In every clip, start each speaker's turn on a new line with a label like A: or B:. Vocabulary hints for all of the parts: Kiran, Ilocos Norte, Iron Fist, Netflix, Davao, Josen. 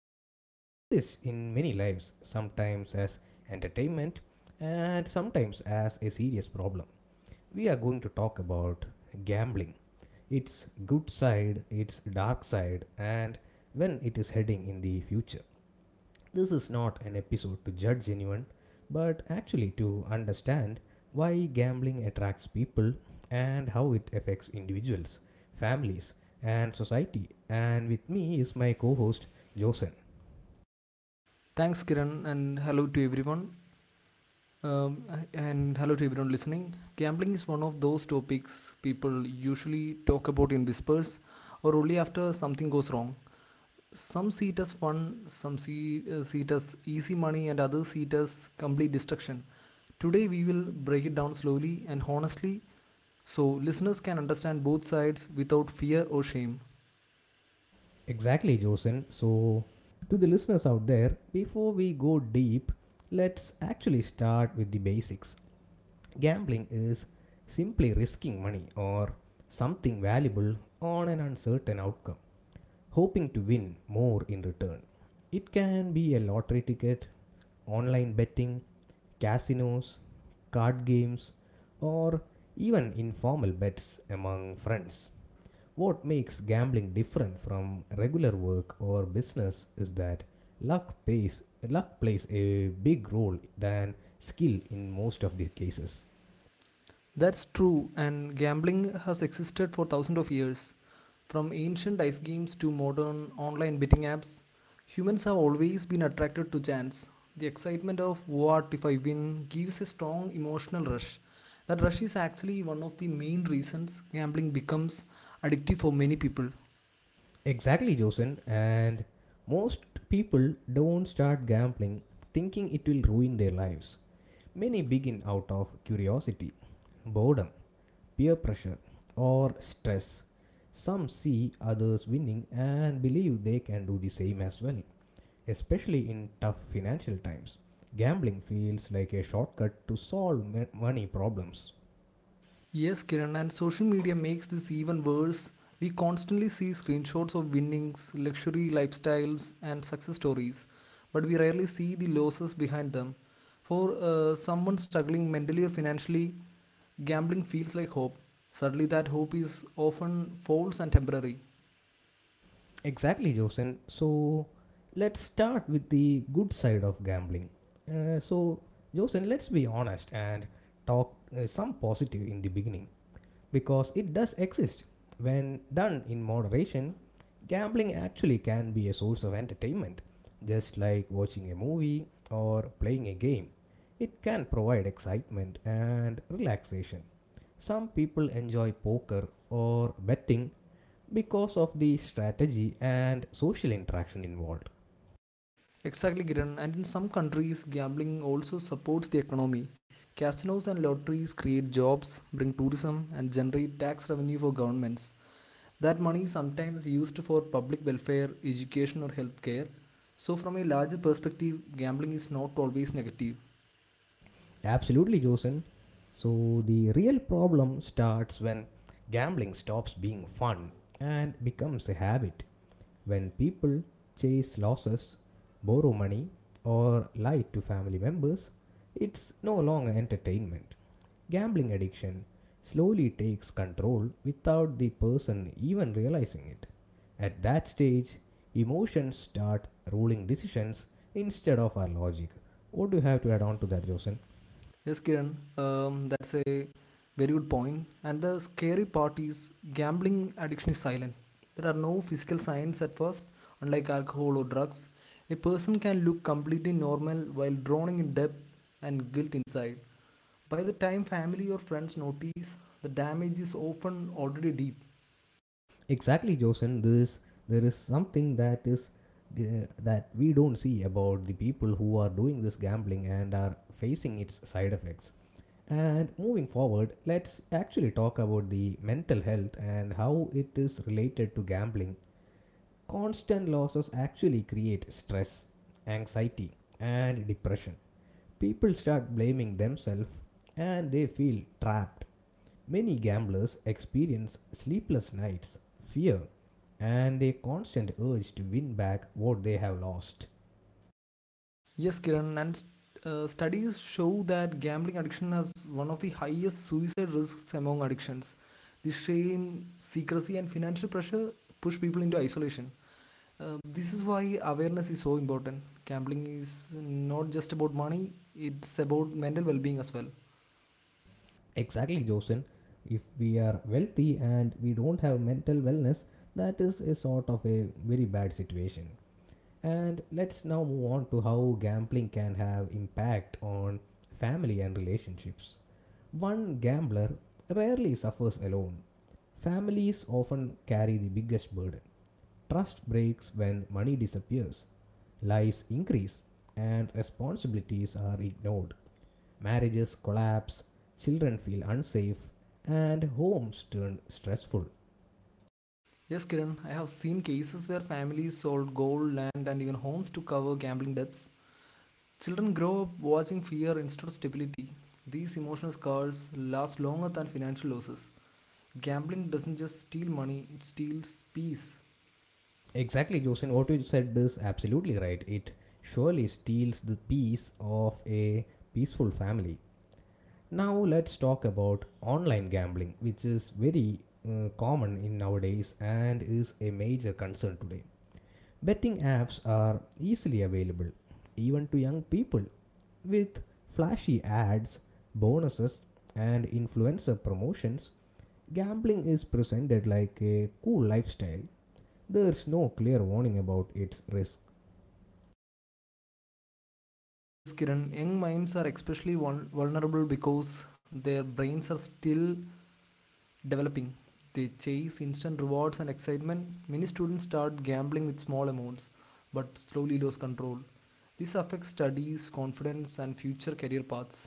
A: that this exists in many lives, sometimes as entertainment and sometimes as a serious problem. We are going to talk about gambling, its good side, its dark side, and when it is heading in the future. This is not an episode to judge anyone, but actually to understand why gambling attracts people and how it affects individuals, families, and society. And with me is my co host, Josen.
B: Thanks, Kiran, and hello to everyone. Um, and hello to everyone listening. Gambling is one of those topics people usually talk about in whispers or only after something goes wrong. Some see it as fun, some see it as easy money, and others see it as complete destruction. Today, we will break it down slowly and honestly so listeners can understand both sides without fear or shame.
A: Exactly, Josen. So, to the listeners out there, before we go deep, let's actually start with the basics. Gambling is simply risking money or something valuable on an uncertain outcome, hoping to win more in return. It can be a lottery ticket, online betting, casinos, card games, or even informal bets among friends. What makes gambling different from regular work or business is that luck pays luck plays a big role than skill in most of the cases.
B: That's true, and gambling has existed for thousands of years. From ancient dice games to modern online betting apps, humans have always been attracted to chance. The excitement of what if I win gives a strong emotional rush. That rush is actually one of the main reasons gambling becomes addictive for many people.
A: Exactly, Josen, and most people don't start gambling thinking it will ruin their lives. Many begin out of curiosity, boredom, peer pressure, or stress. Some see others winning and believe they can do the same as well. Especially in tough financial times, gambling feels like a shortcut to solve money problems.
B: Yes, Kiran, and social media makes this even worse. We constantly see screenshots of winnings, luxury lifestyles, and success stories, but we rarely see the losses behind them. For someone struggling mentally or financially, gambling feels like hope. Suddenly, that hope is often false and temporary.
A: Exactly, Josen. So, let's start with the good side of gambling. So, Josen, let's be honest and talk some positive in the beginning, because it does exist. When done in moderation, gambling actually can be a source of entertainment, just like watching a movie or playing a game. It can provide excitement and relaxation. Some people enjoy poker or betting because of the strategy and social interaction involved.
B: Exactly, Kiran, and in some countries, gambling also supports the economy. Casinos and lotteries create jobs, bring tourism, and generate tax revenue for governments. That money is sometimes used for public welfare, education, or healthcare. So, from a larger perspective, gambling is not always negative.
A: Absolutely, Josen. So, the real problem starts when gambling stops being fun and becomes a habit. When people chase losses, borrow money, or lie to family members, it's no longer entertainment. Gambling addiction slowly takes control without the person even realizing it. At that stage, emotions start ruling decisions instead of our logic. What do you have to add on to that, Joseph?
B: Yes, Kiran, that's a very good point. And the scary part is gambling addiction is silent. There are no physical signs at first, unlike alcohol or drugs. A person can look completely normal while drowning in debt and guilt inside. By the time family or friends notice, the damage is often already deep.
A: Exactly, Josen. There is something that is that we don't see about the people who are doing this gambling and are facing its side effects. And moving forward, let's actually talk about the mental health and how it is related to gambling. Constant losses actually create stress, anxiety, and depression. People start blaming themselves and they feel trapped. Many gamblers experience sleepless nights, fear, and a constant urge to win back what they have lost.
B: Yes, Kiran, and studies show that gambling addiction has one of the highest suicide risks among addictions. The shame, secrecy, and financial pressure push people into isolation. This is why awareness is so important. Gambling is not just about money, it's about mental well being as well.
A: Exactly, Josen. If we are wealthy and we don't have mental wellness, that is a sort of a very bad situation. And let's now move on to how gambling can have impact on family and relationships. One gambler rarely suffers alone. Families often carry the biggest burden. Trust breaks when money disappears, lies increase, and responsibilities are ignored. Marriages collapse, children feel unsafe, and homes turn stressful.
B: Yes, Kiran, I have seen cases where families sold gold, land, and even homes to cover gambling debts. Children grow up watching fear instead of stability. These emotional scars last longer than financial losses. Gambling doesn't just steal money, it steals peace.
A: Exactly, Josin, what you said is absolutely right. It surely steals the peace of a peaceful family. Now, let's talk about online gambling, which is very common in nowadays and is a major concern today. Betting apps are easily available, even to young people. With flashy ads, bonuses, and influencer promotions, gambling is presented like a cool lifestyle. There's no clear warning about its risk.
B: Yes, Kiran, young minds are especially vulnerable because their brains are still developing. They chase instant rewards and excitement. Many students start gambling with small amounts but slowly lose control. This affects studies, confidence, and future career paths.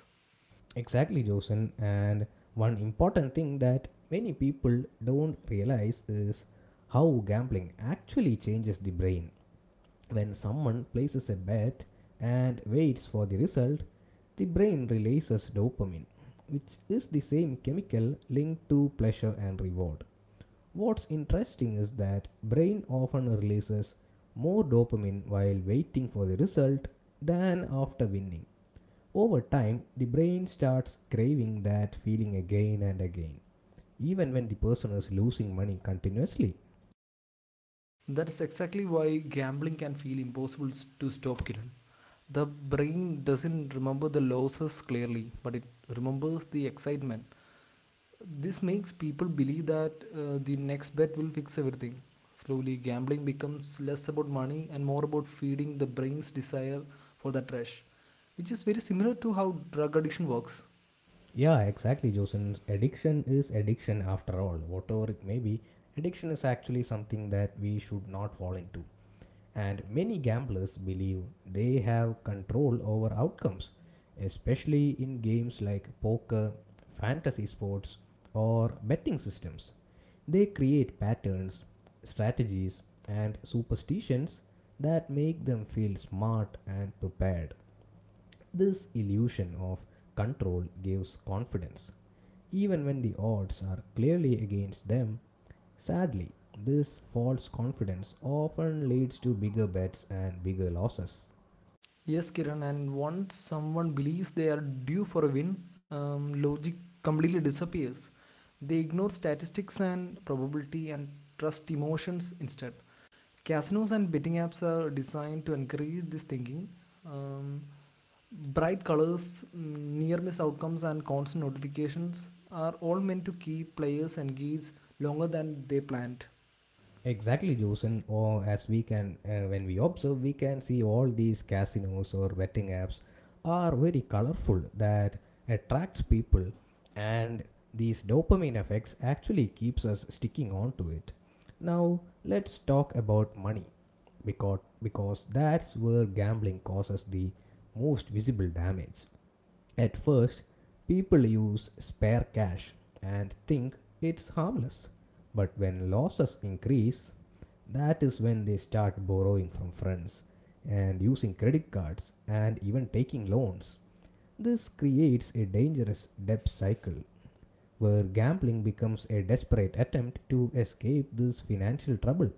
A: Exactly, Josen. And one important thing that many people don't realize is how gambling actually changes the brain. When someone places a bet and waits for the result, the brain releases dopamine, which is the same chemical linked to pleasure and reward. What's interesting is that brain often releases more dopamine while waiting for the result than after winning. Over time, the brain starts craving that feeling again and again, even when the person is losing money continuously.
B: That is exactly why gambling can feel impossible to stop, Kiran. The brain doesn't remember the losses clearly, but it remembers the excitement. This makes people believe that the next bet will fix everything. Slowly, gambling becomes less about money and more about feeding the brain's desire for that rush, which is very similar to how drug addiction works.
A: Yeah, exactly, Josen. Addiction is addiction after all, whatever it may be. Addiction is actually something that we should not fall into. And many gamblers believe they have control over outcomes, especially in games like poker, fantasy sports, or betting systems. They create patterns, strategies, and superstitions that make them feel smart and prepared. This illusion of control gives confidence. Even when the odds are clearly against them, sadly, this false confidence often leads to bigger bets and bigger losses.
B: Yes, Kiran, and once someone believes they are due for a win, logic completely disappears. They ignore statistics and probability and trust emotions instead. Casinos and betting apps are designed to encourage this thinking. Um, Bright colors, near miss outcomes, and constant notifications are all meant to keep players engaged longer than they planned.
A: Exactly, Josen. Or when we observe, we can see all these casinos or betting apps are very colorful that attracts people, and these dopamine effects actually keeps us sticking on to it. Now let's talk about money, because that's where gambling causes the most visible damage. At first, people use spare cash and think it's harmless. But when losses increase, that is when they start borrowing from friends and using credit cards and even taking loans. This creates a dangerous debt cycle where gambling becomes a desperate attempt to escape this financial trouble.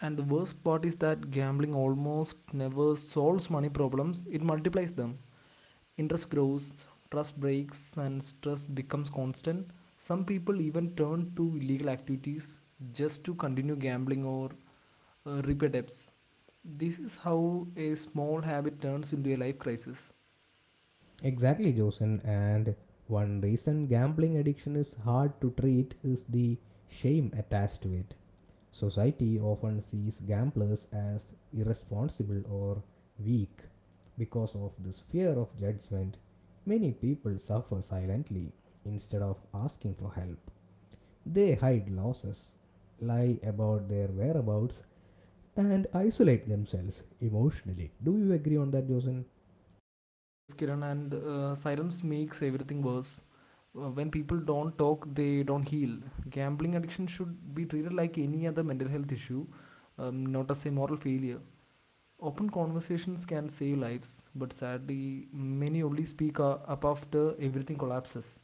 B: And the worst part is that gambling almost never solves money problems, it multiplies them. Interest grows, trust breaks, and stress becomes constant. Some people even turn to illegal activities just to continue gambling or repay debts. This is how a small habit turns into a life crisis.
A: Exactly, Josen. And one reason gambling addiction is hard to treat is the shame attached to it. Society often sees gamblers as irresponsible or weak. Because of this fear of judgment, many people suffer silently instead of asking for help. They hide losses, lie about their whereabouts, and isolate themselves emotionally. Do you agree on that, Josen?
B: Yes, Kiran, and silence makes everything worse. When people don't talk, they don't heal. Gambling addiction should be treated like any other mental health issue, not as a moral failure. Open conversations can save lives, but sadly, many only speak up after everything collapses.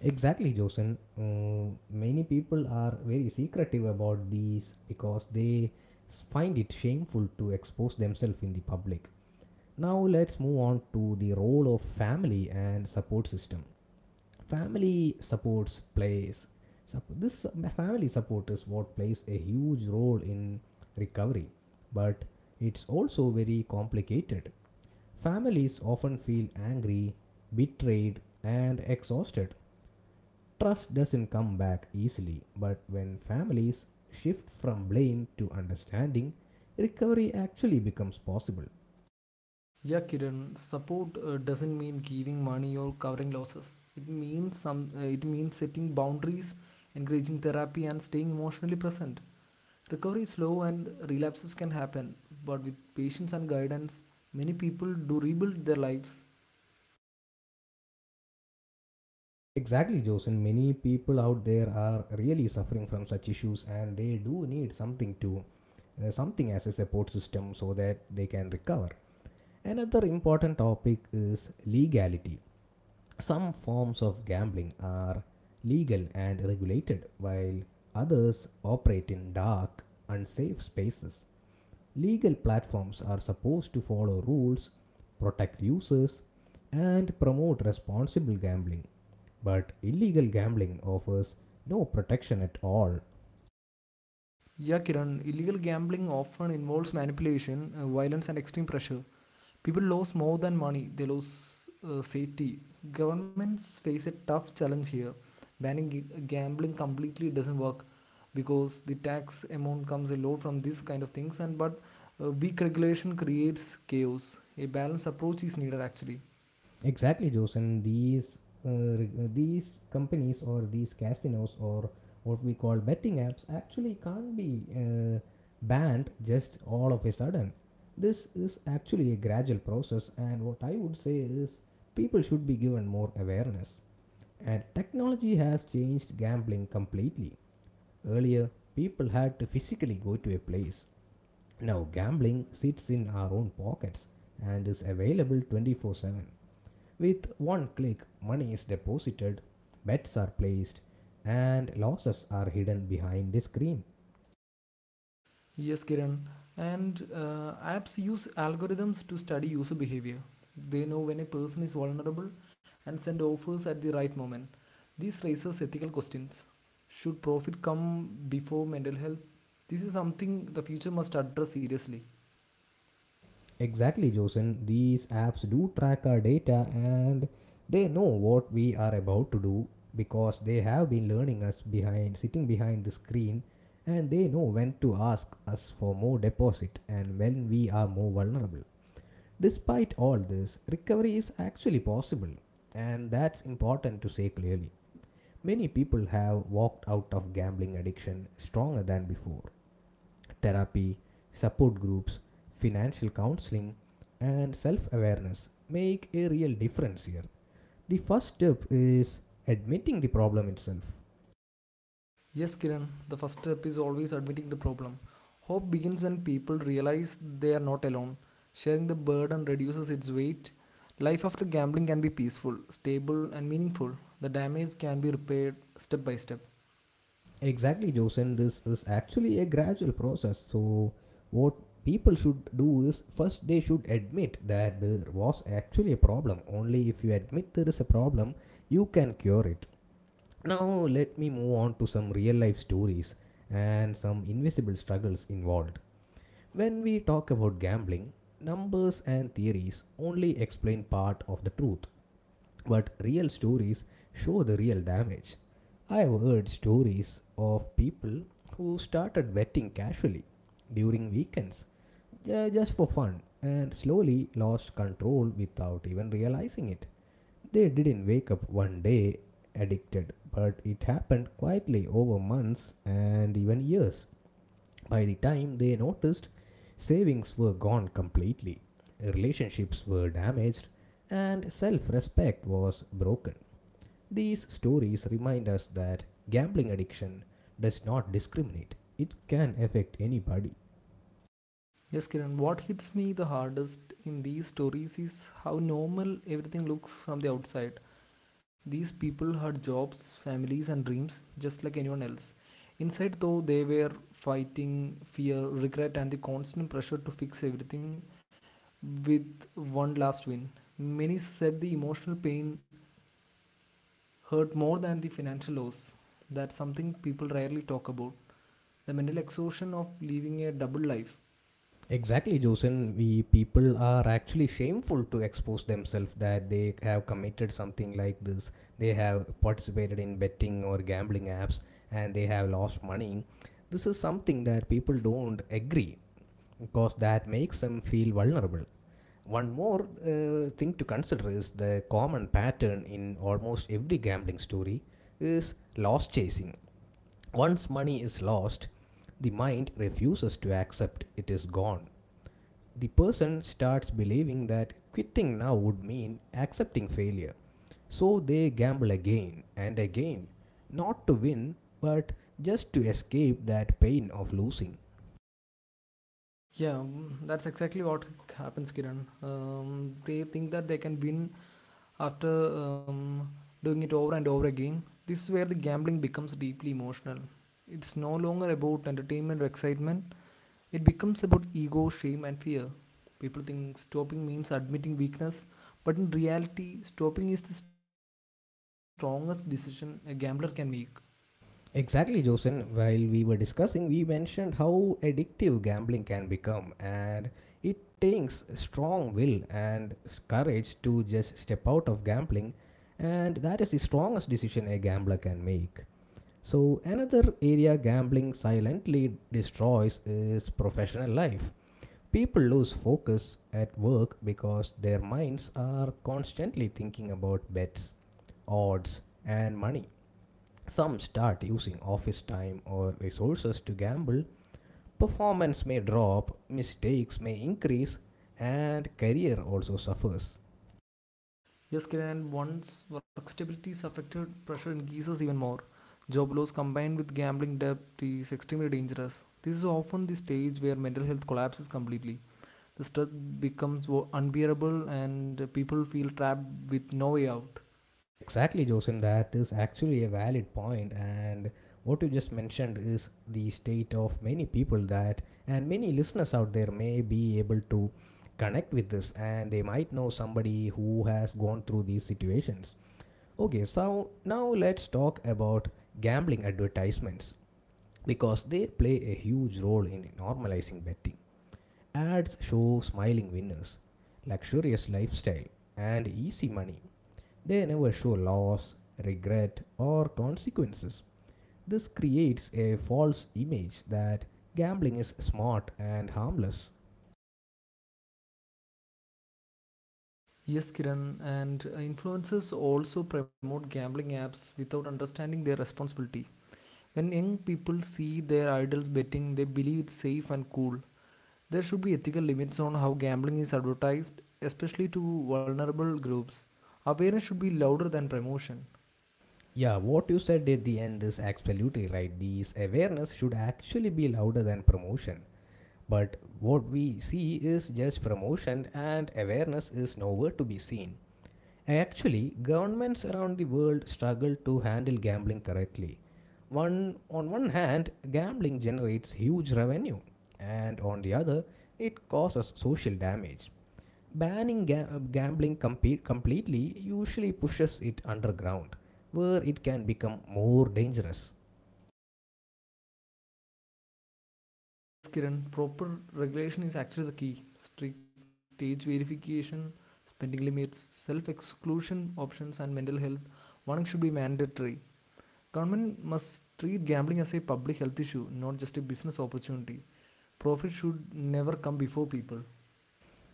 A: Exactly, Josen. Many people are very secretive about these because they find it shameful to expose themselves in the public. Now let's move on to the role of family and support system. Family supports plays sup- this family support is what plays a huge role in recovery, but it's also very complicated. Families often feel angry, betrayed, and exhausted. Trust doesn't come back easily, but when families shift from blame to understanding, recovery actually becomes possible.
B: Yeah, Kiran, support doesn't mean giving money or covering losses. It means some. It means setting boundaries, encouraging therapy, and staying emotionally present. Recovery is slow and relapses can happen, but with patience and guidance, many people do rebuild their lives.
A: Exactly, Joseph. Many people out there are really suffering from such issues, and they do need something to, something as a support system so that they can recover. Another important topic is legality. Some forms of gambling are legal and regulated, while others operate in dark, unsafe spaces. Legal platforms are supposed to follow rules, protect users, and promote responsible gambling. But illegal gambling offers no protection at all.
B: Yeah, Kiran, illegal gambling often involves manipulation, violence, and extreme pressure. People lose more than money, they lose safety. Governments face a tough challenge here. Banning g- gambling completely doesn't work because the tax amount comes a lot from these kind of things, and but weak regulation creates chaos. A balanced approach is needed actually.
A: Exactly, Joseph. Uh, these companies or these casinos or what we call betting apps actually can't be banned just all of a sudden. This is actually a gradual process, and what I would say is people should be given more awareness. And technology has changed gambling completely. Earlier, people had to physically go to a place. Now, gambling sits in our own pockets and is available 24/7. With one click, money is deposited, bets are placed, and losses are hidden behind the screen.
B: Yes, Kiran. And apps use algorithms to study user behavior. They know when a person is vulnerable and send offers at the right moment. This raises ethical questions. Should profit come before mental health? This is something the future must address seriously.
A: Exactly, Josen. These apps do track our data and they know what we are about to do because they have been learning us behind sitting behind the screen, and they know when to ask us for more deposit and when we are more vulnerable. Despite all this, recovery is actually possible, and that's important to say clearly. Many people have walked out of gambling addiction stronger than before. Therapy, support groups, financial counseling, and self awareness make a real difference here. The first step is admitting the problem itself.
B: Yes, Kiran, the first step is always admitting the problem. Hope begins when people realize they are not alone. Sharing the burden reduces its weight. Life after gambling can be peaceful, stable, and meaningful. The damage can be repaired step by step.
A: Exactly, Josen. This is actually a gradual process. So, what people should do is first they should admit that there was actually a problem. Only if you admit there is a problem, you can cure it. Now, let me move on to some real life stories and some invisible struggles involved. When we talk about gambling, numbers and theories only explain part of the truth. But real stories show the real damage. I've heard stories of people who started betting casually during weekends just for fun and slowly lost control without even realizing it. They didn't wake up one day addicted, but it happened quietly over months and even years. By the time they noticed, savings were gone completely, relationships were damaged, and self respect was broken. These stories remind us that gambling addiction does not discriminate, it can affect anybody.
B: Yes, Kiran, what hits me the hardest in these stories is how normal everything looks from the outside. These people had jobs, families, and dreams just like anyone else. Inside, though, they were fighting fear, regret, and the constant pressure to fix everything with one last win. Many said the emotional pain hurt more than the financial loss. That's something people rarely talk about. The mental exhaustion of living a double life.
A: Exactly, Josen. We people are actually shameful to expose themselves that they have committed something like this. They have participated in betting or gambling apps and they have lost money. This is something that people don't agree because that makes them feel vulnerable. One more thing to consider is the common pattern in almost every gambling story is loss chasing. Once money is lost, the mind refuses to accept it is gone. The person starts believing that quitting now would mean accepting failure. So they gamble again and again, not to win, but just to escape that pain of losing.
B: Yeah, that's exactly what happens, Kiran. They think that they can win after um, doing it over and over again. This is where the gambling becomes deeply emotional. It's no longer about entertainment or excitement, it becomes about ego, shame, and fear. People think stopping means admitting weakness, but in reality, stopping is the strongest decision a gambler can make.
A: Exactly, Josen. While we were discussing, we mentioned how addictive gambling can become, and it takes strong will and courage to just step out of gambling, and that is the strongest decision a gambler can make. So, another area gambling silently destroys is professional life. People lose focus at work because their minds are constantly thinking about bets, odds, and money. Some start using office time or resources to gamble. Performance may drop, mistakes may increase, and career also suffers.
B: Yes, Kiran, once work stability is affected, pressure increases even more. Job loss combined with gambling debt is extremely dangerous. This is often the stage where mental health collapses completely. The stress becomes unbearable and people feel trapped with no way out.
A: Exactly, Joseph, that is actually a valid point, and what you just mentioned is the state of many people and many listeners out there may be able to connect with this and they might know somebody who has gone through these situations. Okay, so now let's talk about gambling advertisements, because they play a huge role in normalizing betting. Ads show smiling winners, luxurious lifestyle, and easy money. They never show loss, regret, or consequences. This creates a false image that gambling is smart and harmless.
B: Yes, Kiran, and influencers also promote gambling apps without understanding their responsibility. When young people see their idols betting, they believe it's safe and cool. There should be ethical limits on how gambling is advertised, especially to vulnerable groups. Awareness should be louder than promotion.
A: Yeah, what you said at the end is absolutely right. This awareness should actually be louder than promotion. But what we see is just promotion, and awareness is nowhere to be seen. Actually, governments around the world struggle to handle gambling correctly. On one hand, gambling generates huge revenue, and on the other, it causes social damage. Banning gambling completely usually pushes it underground, where it can become more dangerous.
B: Yes, Kiran, proper regulation is actually the key. Strict age verification, spending limits, self exclusion options, and mental health warning should be mandatory. Government must treat gambling as a public health issue, not just a business opportunity. Profit should never come before people.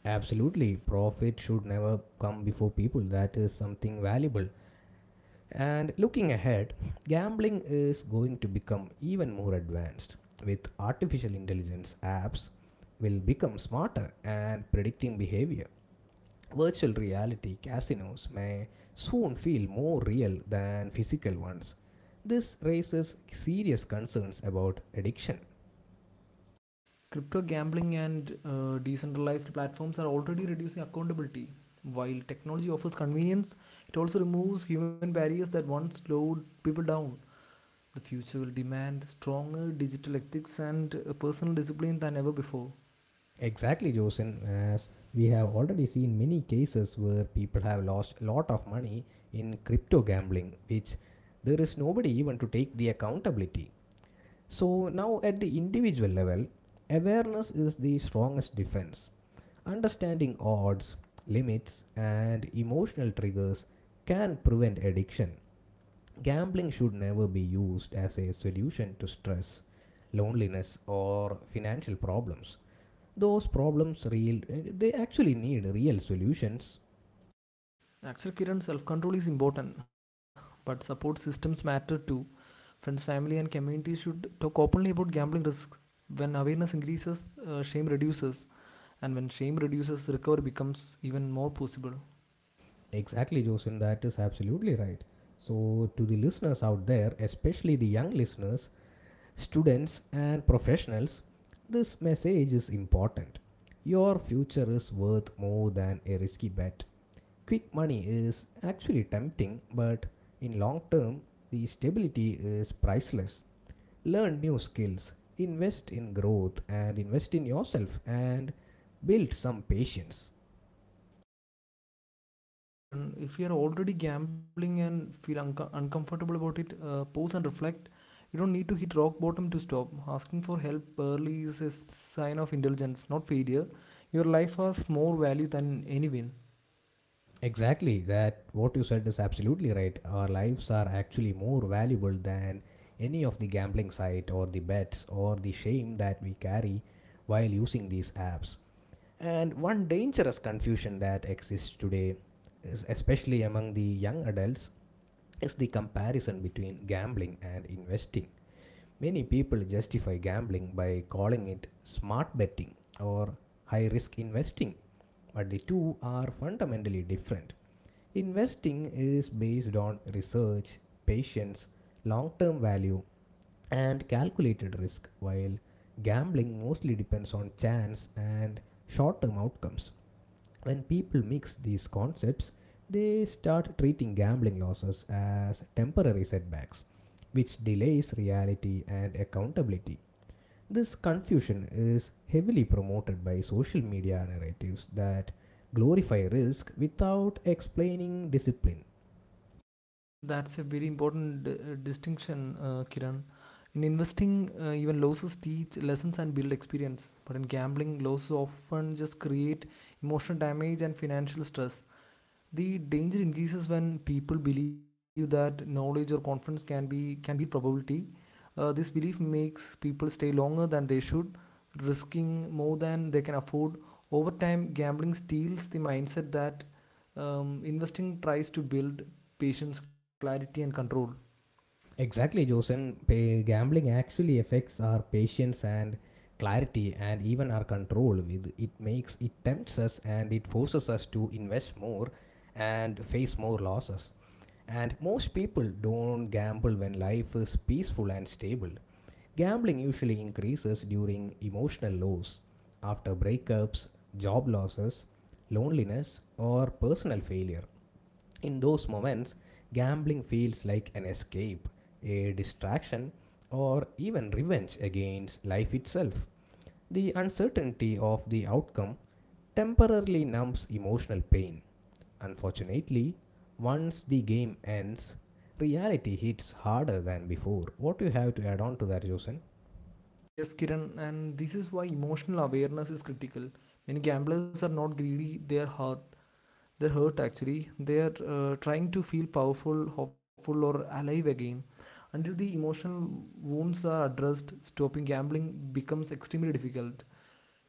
A: Absolutely, profit should never come before people. That is something valuable. And looking ahead, gambling is going to become even more advanced with artificial intelligence apps will become smarter and predicting behavior. Virtual reality casinos may soon feel more real than physical ones. This raises serious concerns about addiction.
B: Crypto gambling and decentralized platforms are already reducing accountability. While technology offers convenience, it also removes human barriers that once slowed people down. The future will demand stronger digital ethics and personal discipline than ever before.
A: Exactly, Josin, as we have already seen many cases where people have lost a lot of money in crypto gambling, which there is nobody even to take the accountability. So, now at the individual level, awareness is the strongest defense. Understanding odds, limits, and emotional triggers can prevent addiction. Gambling should never be used as a solution to stress, loneliness, or financial problems. Those problems real, they actually need real solutions.
B: Actually, Kiran, self control is important, but support systems matter too. Friends, family, and community should talk openly about gambling risks. When awareness increases, shame reduces, and when shame reduces, recovery becomes even more possible.
A: Exactly, Josin, that is absolutely right. So to the listeners out there, especially the young listeners, students and professionals, this message is important. Your future is worth more than a risky bet. Quick money is actually tempting, but in long term, the stability is priceless. Learn new skills, invest in growth, and invest in yourself, and build some patience.
B: Kiran, if you are already gambling and feel uncomfortable about it, pause and reflect. You don't need to hit rock bottom to stop. Asking for help early is a sign of intelligence, not failure. Your life has more value than any win.
A: Exactly, that what you said is absolutely right. Our lives are actually more valuable than any of the gambling site or the bets or the shame that we carry while using these apps. And one dangerous confusion that exists today is especially among the young adults, is the comparison between gambling and investing. Many people justify gambling by calling it smart betting, or high risk investing, but the two are fundamentally different. Investing is based on research, patience, long term value, and calculated risk, while gambling mostly depends on chance and short term outcomes. When people mix these concepts, they start treating gambling losses as temporary setbacks, which delays reality and accountability. This confusion is heavily promoted by social media narratives that glorify risk without explaining discipline.
B: That's a very important distinction, Kiran. In investing, even losses teach lessons and build experience. But in gambling, losses often just create emotional damage and financial stress. The danger increases when people believe that knowledge or confidence can beat probability. This belief makes people stay longer than they should, risking more than they can afford. Over time, gambling steals the mindset that investing tries to build: patience, clarity, and control.
A: Exactly, Joseph. Gambling actually affects our patience and clarity and even our control. With it makes it tempts us and it forces us to invest more and face more losses. And most people don't gamble when life is peaceful and stable. Gambling usually increases during emotional lows, after breakups, job losses, loneliness, or personal failure. In those moments, gambling feels like an escape, a distraction, or even revenge against life itself. The uncertainty of the outcome temporarily numbs emotional pain. Unfortunately, once the game ends, reality hits harder than before. What do you have to add on to that, Josen?
B: Yes, Kiran, and this is why emotional awareness is critical. Many gamblers are not greedy, they are hard. They hurt actually. They are trying to feel powerful, hopeful, or alive again. Until the emotional wounds are addressed, stopping gambling becomes extremely difficult.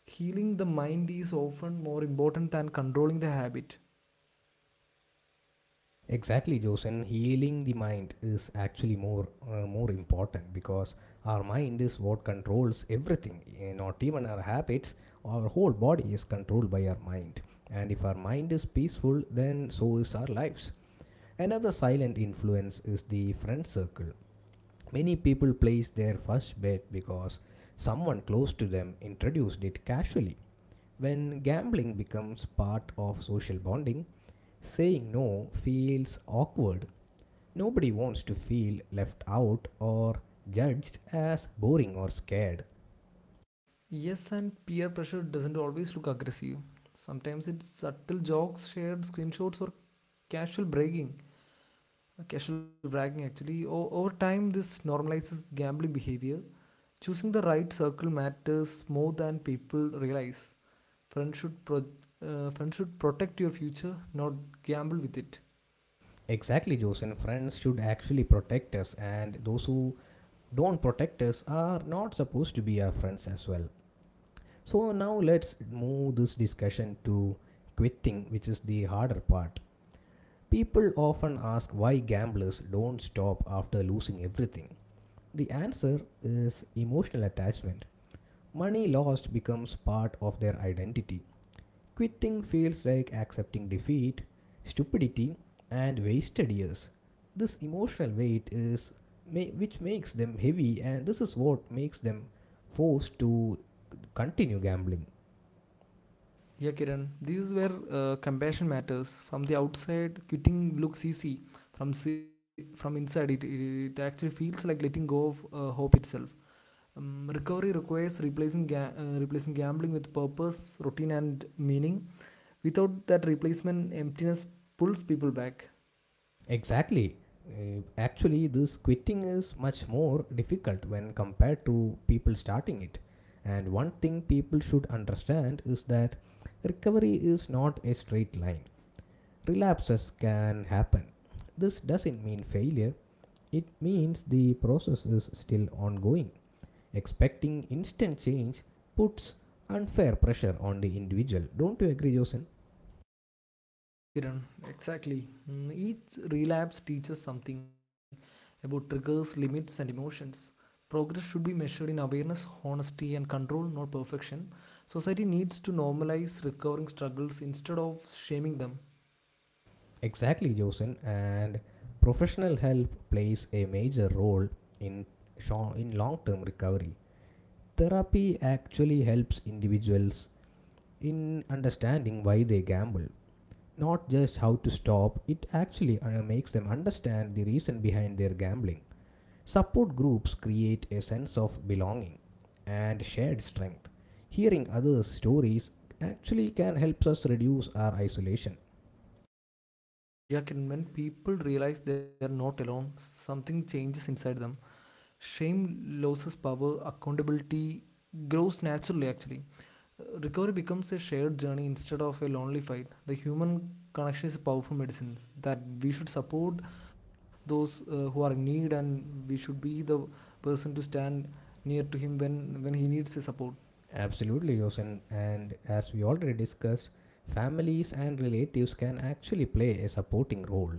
B: Healing the mind is often more important than controlling the habit.
A: Exactly, Jose. And healing the mind is actually more important because our mind is what controls everything. Eh, not even our habits. Our whole body is controlled by our mind. And if our mind is peaceful, then so is our lives. Another silent influence is the friend circle. Many people placed their first bet because someone close to them introduced it casually. When gambling becomes part of social bonding, saying no feels awkward. Nobody wants to feel left out or judged as boring or scared.
B: Yes, and peer pressure doesn't always look aggressive. Sometimes it's subtle jokes, shared screenshots, or casual bragging. Casual bragging actually. Over time, this normalizes gambling behavior. Choosing the right circle matters more than people realize. Friends should pro- friends should protect your future, not gamble with it.
A: Exactly, Joseph. Friends should actually protect us, and those who don't protect us are not supposed to be our friends as well. So now let's move this discussion to quitting, which is the harder part. People often ask why gamblers don't stop after losing everything. The answer is emotional attachment. Money lost becomes part of their identity. Quitting feels like accepting defeat, stupidity, and wasted years. This emotional weight is which makes them heavy, and this is what makes them forced to continue gambling.
B: Yeah, Kiran, this is where compassion matters. From the outside, quitting looks easy. From inside, it actually feels like letting go of hope itself. Recovery requires replacing gambling with purpose, routine, and meaning. Without that replacement, emptiness pulls people back.
A: Exactly. Actually, this quitting is much more difficult when compared to people starting it. And one thing people should understand is that recovery is not a straight line. Relapses can happen. This doesn't mean failure, it means the process is still ongoing. Expecting instant change puts unfair pressure on the individual. Don't you agree, Joseph?
B: Yes, Kiran, exactly. Each relapse teaches something about triggers, limits, and emotions. Progress should be measured in awareness, honesty, and control, not perfection. Society needs to normalize recovering struggles instead of shaming them.
A: Exactly, Josin, and professional help plays a major role in long-term recovery. Therapy actually helps individuals in understanding why they gamble, not just how to stop. It actually makes them understand the reason behind their gambling. Support groups create a sense of belonging and shared strength. Hearing others' stories actually can help us reduce our isolation.
B: Yeah, Kiran, when people realize they are not alone, something changes inside them. Shame loses power, accountability grows naturally actually. Recovery becomes a shared journey instead of a lonely fight. The human connection is a powerful medicine that we should support those who are in need, and we should be the person to stand near to him when he needs the support.
A: Absolutely, Yosen. And as we already discussed, families and relatives can actually play a supporting role.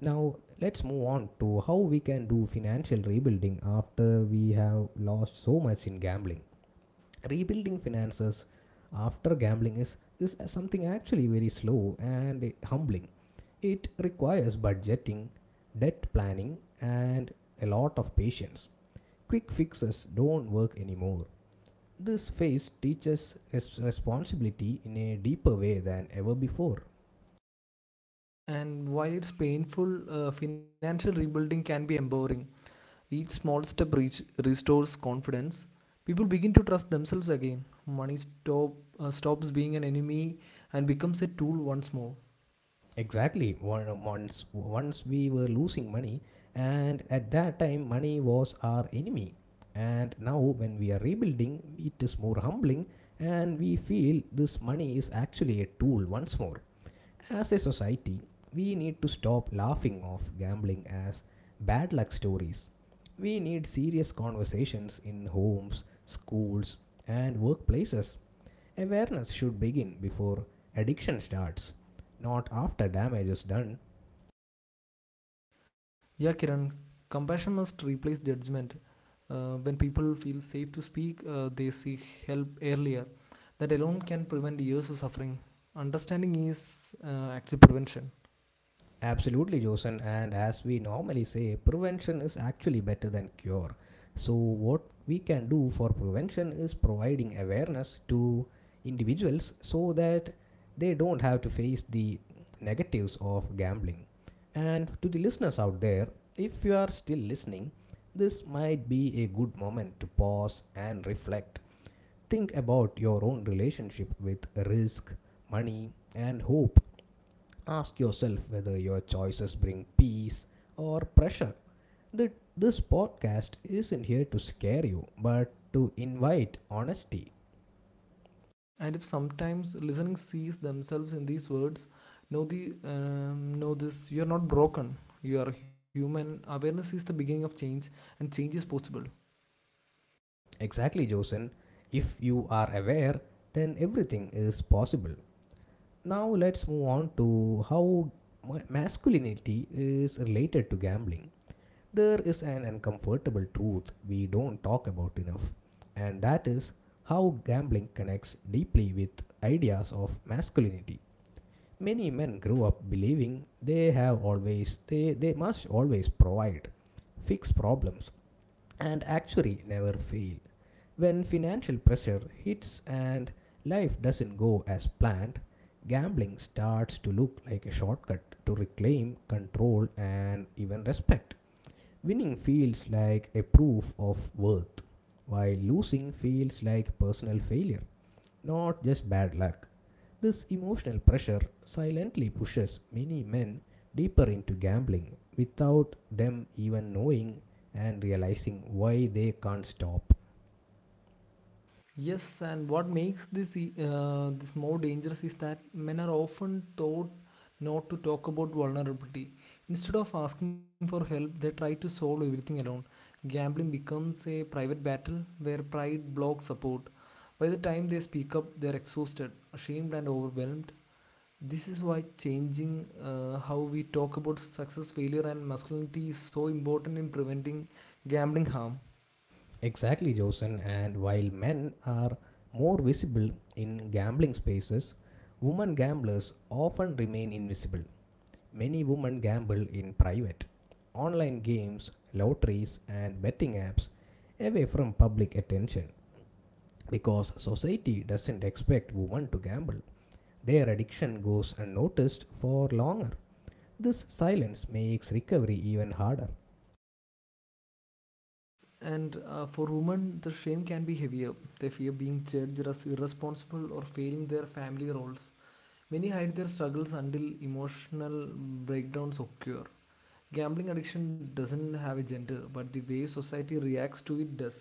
A: Now, let's move on to how we can do financial rebuilding after we have lost so much in gambling. Rebuilding finances after gambling is something actually very slow and humbling. It requires budgeting, debt planning, and a lot of patience. Quick fixes don't work anymore. This phase teaches responsibility in a deeper way than ever before.
B: And while it's painful, financial rebuilding can be empowering. Each small step restores confidence. People begin to trust themselves again. Money stops being an enemy and becomes a tool once more.
A: Exactly. Once we were losing money, and at that time, money was our enemy. And now, when we are rebuilding, it is more humbling, and we feel this money is actually a tool once more. As a society, we need to stop laughing off gambling as bad luck stories. We need serious conversations in homes, schools, and workplaces. Awareness should begin before addiction starts, not after damage is done.
B: Yeah, Kiran, compassion must replace judgment. When people feel safe to speak, they seek help earlier. That alone can prevent years of suffering. Understanding is actually prevention.
A: Absolutely, Josen. And as we normally say, prevention is actually better than cure. So, what we can do for prevention is providing awareness to individuals so that they don't have to face the negatives of gambling. And to the listeners out there, if you are still listening, this might be a good moment to pause and reflect. Think about your own relationship with risk, money, and hope. Ask yourself whether your choices bring peace or pressure. This podcast isn't here to scare you, but to invite honesty.
B: And if sometimes listening sees themselves in these words, know this: you are not broken. You are human. Awareness is the beginning of change, and change is possible.
A: Exactly, Josen. If you are aware, then everything is possible. Now, let's move on to how masculinity is related to gambling. There is an uncomfortable truth we don't talk about enough, and that is how gambling connects deeply with ideas of masculinity. Many men grew up believing they must always provide, fix problems, and actually never fail. When financial pressure hits and life doesn't go as planned, gambling starts to look like a shortcut to reclaim control and even respect. Winning feels like a proof of worth, while losing feels like personal failure, not just bad luck. This emotional pressure silently pushes many men deeper into gambling without them even knowing and realizing why they can't stop.
B: Yes, and what makes this more dangerous is that men are often taught not to talk about vulnerability. Instead of asking for help, they try to solve everything alone. Gambling becomes a private battle where pride blocks support. By the time they speak up, they're exhausted, ashamed, and overwhelmed. This is why changing how we talk about success, failure, and masculinity is so important in preventing gambling harm.
A: Exactly, Josen. And while men are more visible in gambling spaces, women gamblers often remain invisible. Many women gamble in private, online games, lotteries, and betting apps away from public attention, because society doesn't expect women to gamble. Their addiction goes unnoticed for longer. This silence makes recovery even harder.
B: And for women, the shame can be heavier. They fear being judged as irresponsible or failing their family roles. Many hide their struggles until emotional breakdowns occur. Gambling addiction doesn't have a gender, but the way society reacts to it does.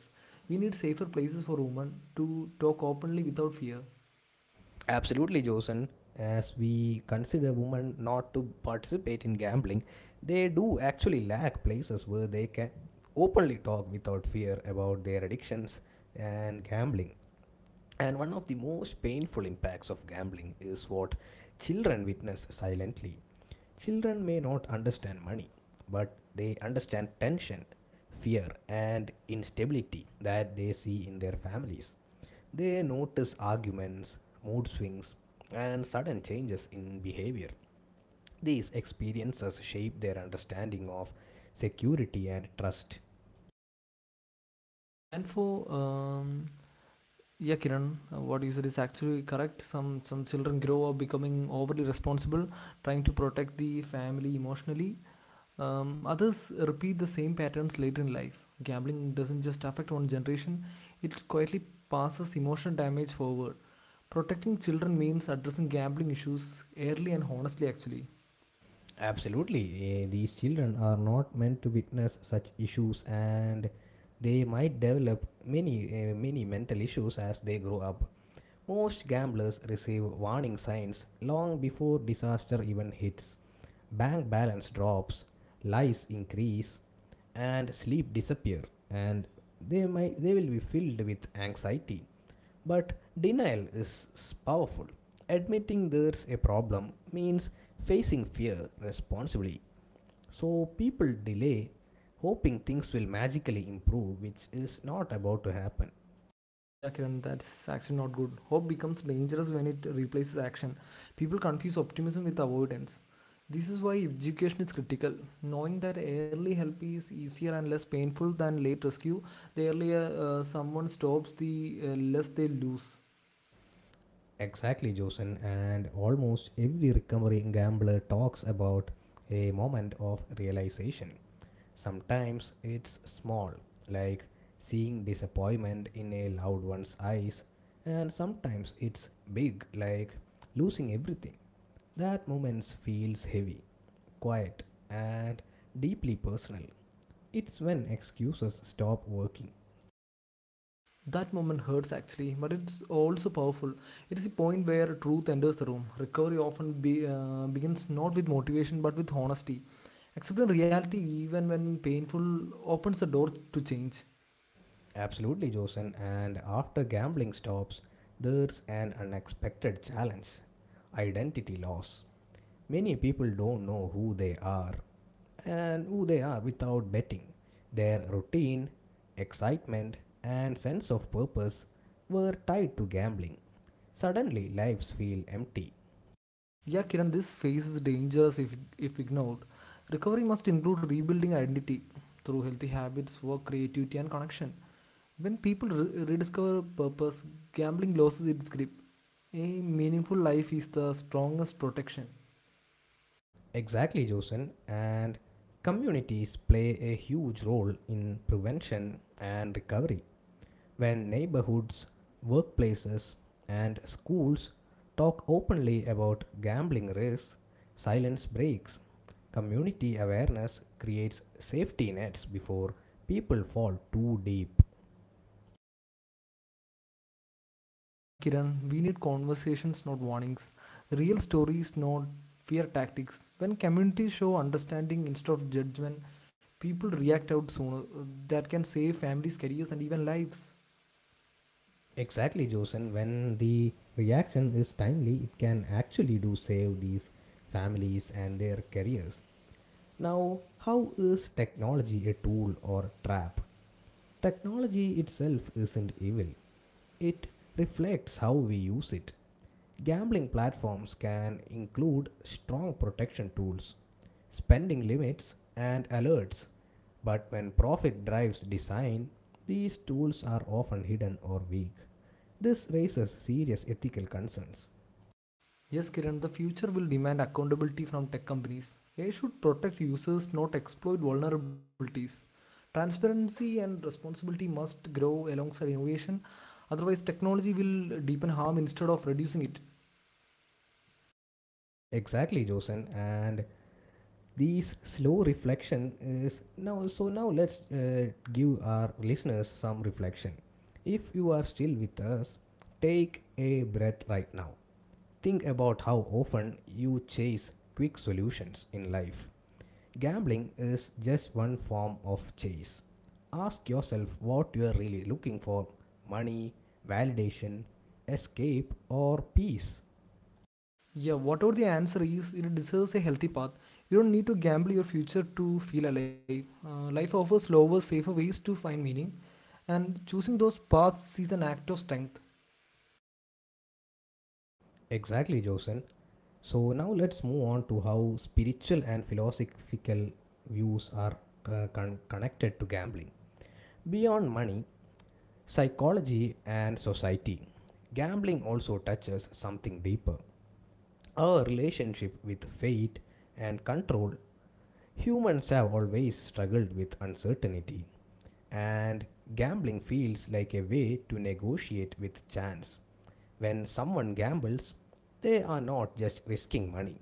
B: We need safer places for women to talk openly without fear.
A: Absolutely, Josen. As we consider women not to participate in gambling, they do actually lack places where they can openly talk without fear about their addictions and gambling. And one of the most painful impacts of gambling is what children witness silently. Children may not understand money, but they understand tension, fear, and instability that they see in their families. They notice arguments, mood swings, and sudden changes in behavior. These experiences shape their understanding of security and trust.
B: And for Yeah, Kiran, what you said is actually correct. Some children grow up becoming overly responsible, trying to protect the family emotionally. Others repeat the same patterns later in life. Gambling doesn't just affect one generation, it quietly passes emotional damage forward. Protecting children means addressing gambling issues early and honestly, actually.
A: Absolutely, eh, these children are not meant to witness such issues and they might develop many mental issues as they grow up. Most gamblers receive warning signs long before disaster even hits. Bank balance drops, lies increase, and sleep disappear, and they will be filled with anxiety. But denial is powerful. Admitting there's a problem means facing fear responsibly. So people delay, hoping things will magically improve, which is not about to happen.
B: Yeah, Kiran, that's actually not good. Hope becomes dangerous when it replaces action. People confuse optimism with avoidance. This is why education is critical. Knowing that early help is easier and less painful than late rescue, the earlier someone stops, the less they lose.
A: Exactly, Josen, and almost every recovering gambler talks about a moment of realization. Sometimes it's small, like seeing disappointment in a loved one's eyes, and sometimes it's big, like losing everything. That moment feels heavy, quiet, and deeply personal. It's when excuses stop working.
B: That moment hurts actually, but it's also powerful. It is a point where truth enters the room. Recovery often begins not with motivation but with honesty. Accepting reality, even when painful, opens the door to change.
A: Absolutely, Josen. And after gambling stops, there's an unexpected challenge: identity loss. Many people don't know who they are and who they are without betting. Their routine, excitement, and sense of purpose were tied to gambling. Suddenly, lives feel empty.
B: Yeah, Kiran, this phase is dangerous if ignored. Recovery must include rebuilding identity through healthy habits, work, creativity, and connection. When people rediscover purpose, gambling loses its grip. A meaningful life is the strongest protection.
A: Exactly, Josen. And communities play a huge role in prevention and recovery. When neighborhoods, workplaces, and schools talk openly about gambling risks, silence breaks. Community awareness creates safety nets before people fall too deep.
B: Yeah, Kiran, we need conversations, not warnings. Real stories, not fear tactics. When communities show understanding instead of judgment, people react out sooner. That can save families, careers, and even lives.
A: Exactly, Josen. When the reaction is timely, it can actually do save these families and their careers. Now, how is technology a tool or trap? Technology itself isn't evil. It reflects how we use it. Gambling platforms can include strong protection tools, spending limits, and alerts. But when profit drives design, these tools are often hidden or weak. This raises serious ethical concerns.
B: Yes, Kiran, the future will demand accountability from tech companies. They should protect users, not exploit vulnerabilities. Transparency and responsibility must grow alongside innovation. Otherwise, technology will deepen harm instead of reducing it.
A: Exactly, Josen. And these slow reflection is now. So now let's give our listeners some reflection. If you are still with us, take a breath right now. Think about how often you chase quick solutions in life. Gambling is just one form of chase. Ask yourself what you are really looking for: money, validation, escape, or peace.
B: Yeah, whatever the answer is, it deserves a healthy path. You don't need to gamble your future to feel alive. Life offers slower, safer ways to find meaning, and choosing those paths is an act of strength.
A: Exactly, Josen. So, now let's move on to how spiritual and philosophical views are connected to gambling. Beyond money, psychology, and society, gambling also touches something deeper. Our relationship with fate and control, humans have always struggled with uncertainty, and gambling feels like a way to negotiate with chance. When someone gambles, they are not just risking money,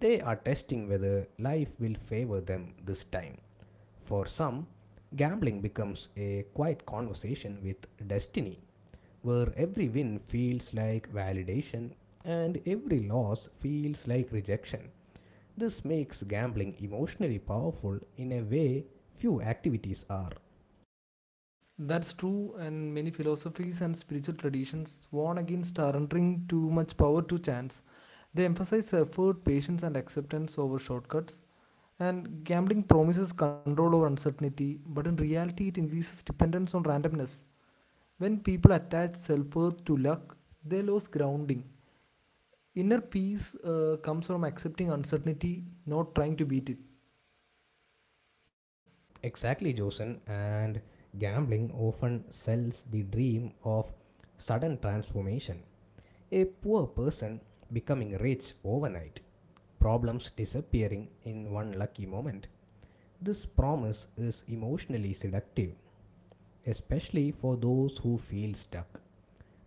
A: they are testing whether life will favor them this time. For some, gambling becomes a quiet conversation with destiny, where every win feels like validation and every loss feels like rejection. This makes gambling emotionally powerful in a way few activities are.
B: That's true, and many philosophies and spiritual traditions warn against surrendering too much power to chance. They emphasize effort, patience, and acceptance over shortcuts. And gambling promises control over uncertainty, but in reality, it increases dependence on randomness. When people attach self worth to luck, they lose grounding. Inner peace comes from accepting uncertainty, not trying to beat it.
A: Exactly, Josen, and gambling often sells the dream of sudden transformation. A poor person becoming rich overnight, problems disappearing in one lucky moment. This promise is emotionally seductive, especially for those who feel stuck.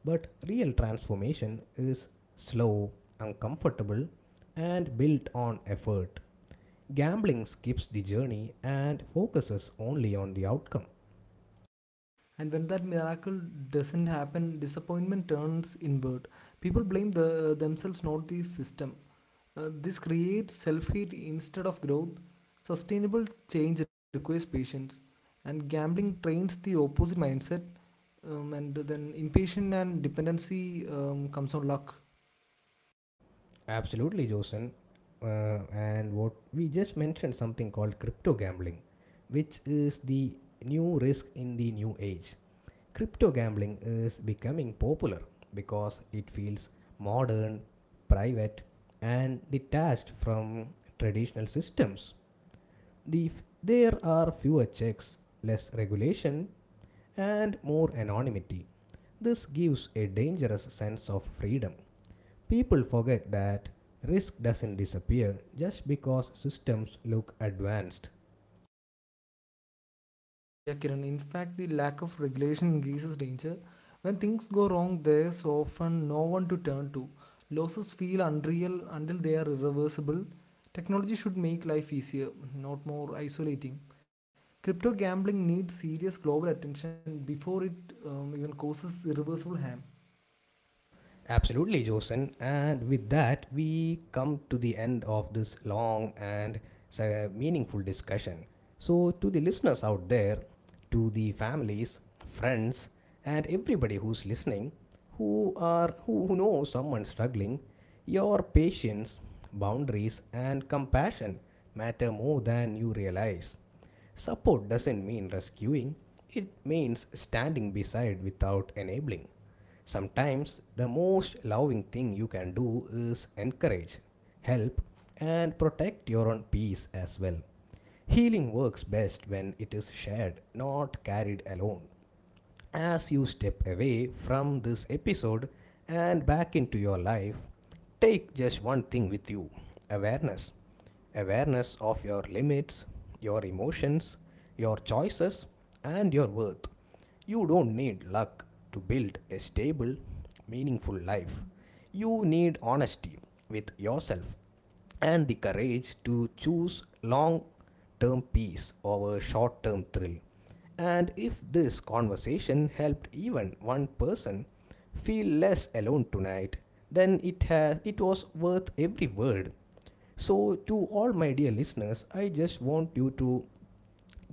A: But real transformation is slow, uncomfortable, and built on effort. Gambling skips the journey and focuses only on the outcome.
B: And when that miracle doesn't happen, disappointment turns inward. People blame themselves, not the system. This creates self hate instead of growth. Sustainable change requires patience, and gambling trains the opposite mindset. And then impatience and dependency comes on luck.
A: Absolutely, Josen. And what we just mentioned something called crypto gambling, which is the new risk in the new age. Crypto gambling is becoming popular because it feels modern, private, and detached from traditional systems. There are fewer checks, less regulation, and more anonymity. This gives a dangerous sense of freedom. People forget that risk doesn't disappear just because systems look advanced.
B: Yeah, Kiran. In fact, the lack of regulation increases danger. When things go wrong, there's often no one to turn to. Losses feel unreal until they are irreversible. Technology should make life easier, not more isolating. Crypto gambling needs serious global attention before it even causes irreversible harm.
A: Absolutely, Josen. And with that, we come to the end of this long and meaningful discussion. So, to the listeners out there, to the families, friends, and everybody who's listening, who know someone struggling, your patience, boundaries, and compassion matter more than you realize. Support doesn't mean rescuing; it means standing beside without enabling. Sometimes the most loving thing you can do is encourage, help, and protect your own peace as well. Healing works best when it is shared, not carried alone. As you step away from this episode and back into your life, take just one thing with you: awareness. Awareness of your limits, your emotions, your choices, and your worth. You don't need luck to build a stable, meaningful life. You need honesty with yourself and the courage to choose long term peace over short term thrill. And if this conversation helped even one person feel less alone tonight, then it was worth every word. So to all my dear listeners, I just want you to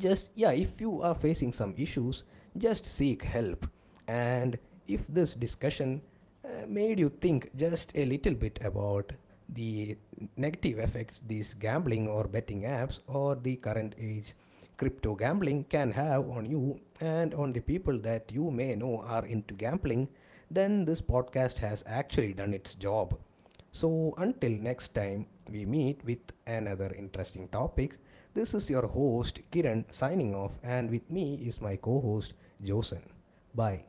A: just yeah, if you are facing some issues, just seek help. And if this discussion made you think just a little bit about the negative effects these gambling or betting apps or the current age crypto gambling can have on you and on the people that you may know are into gambling, then this podcast has actually done its job. So until next time we meet with another interesting topic, this is your host Kiran signing off, and with me is my co host Josen. Bye.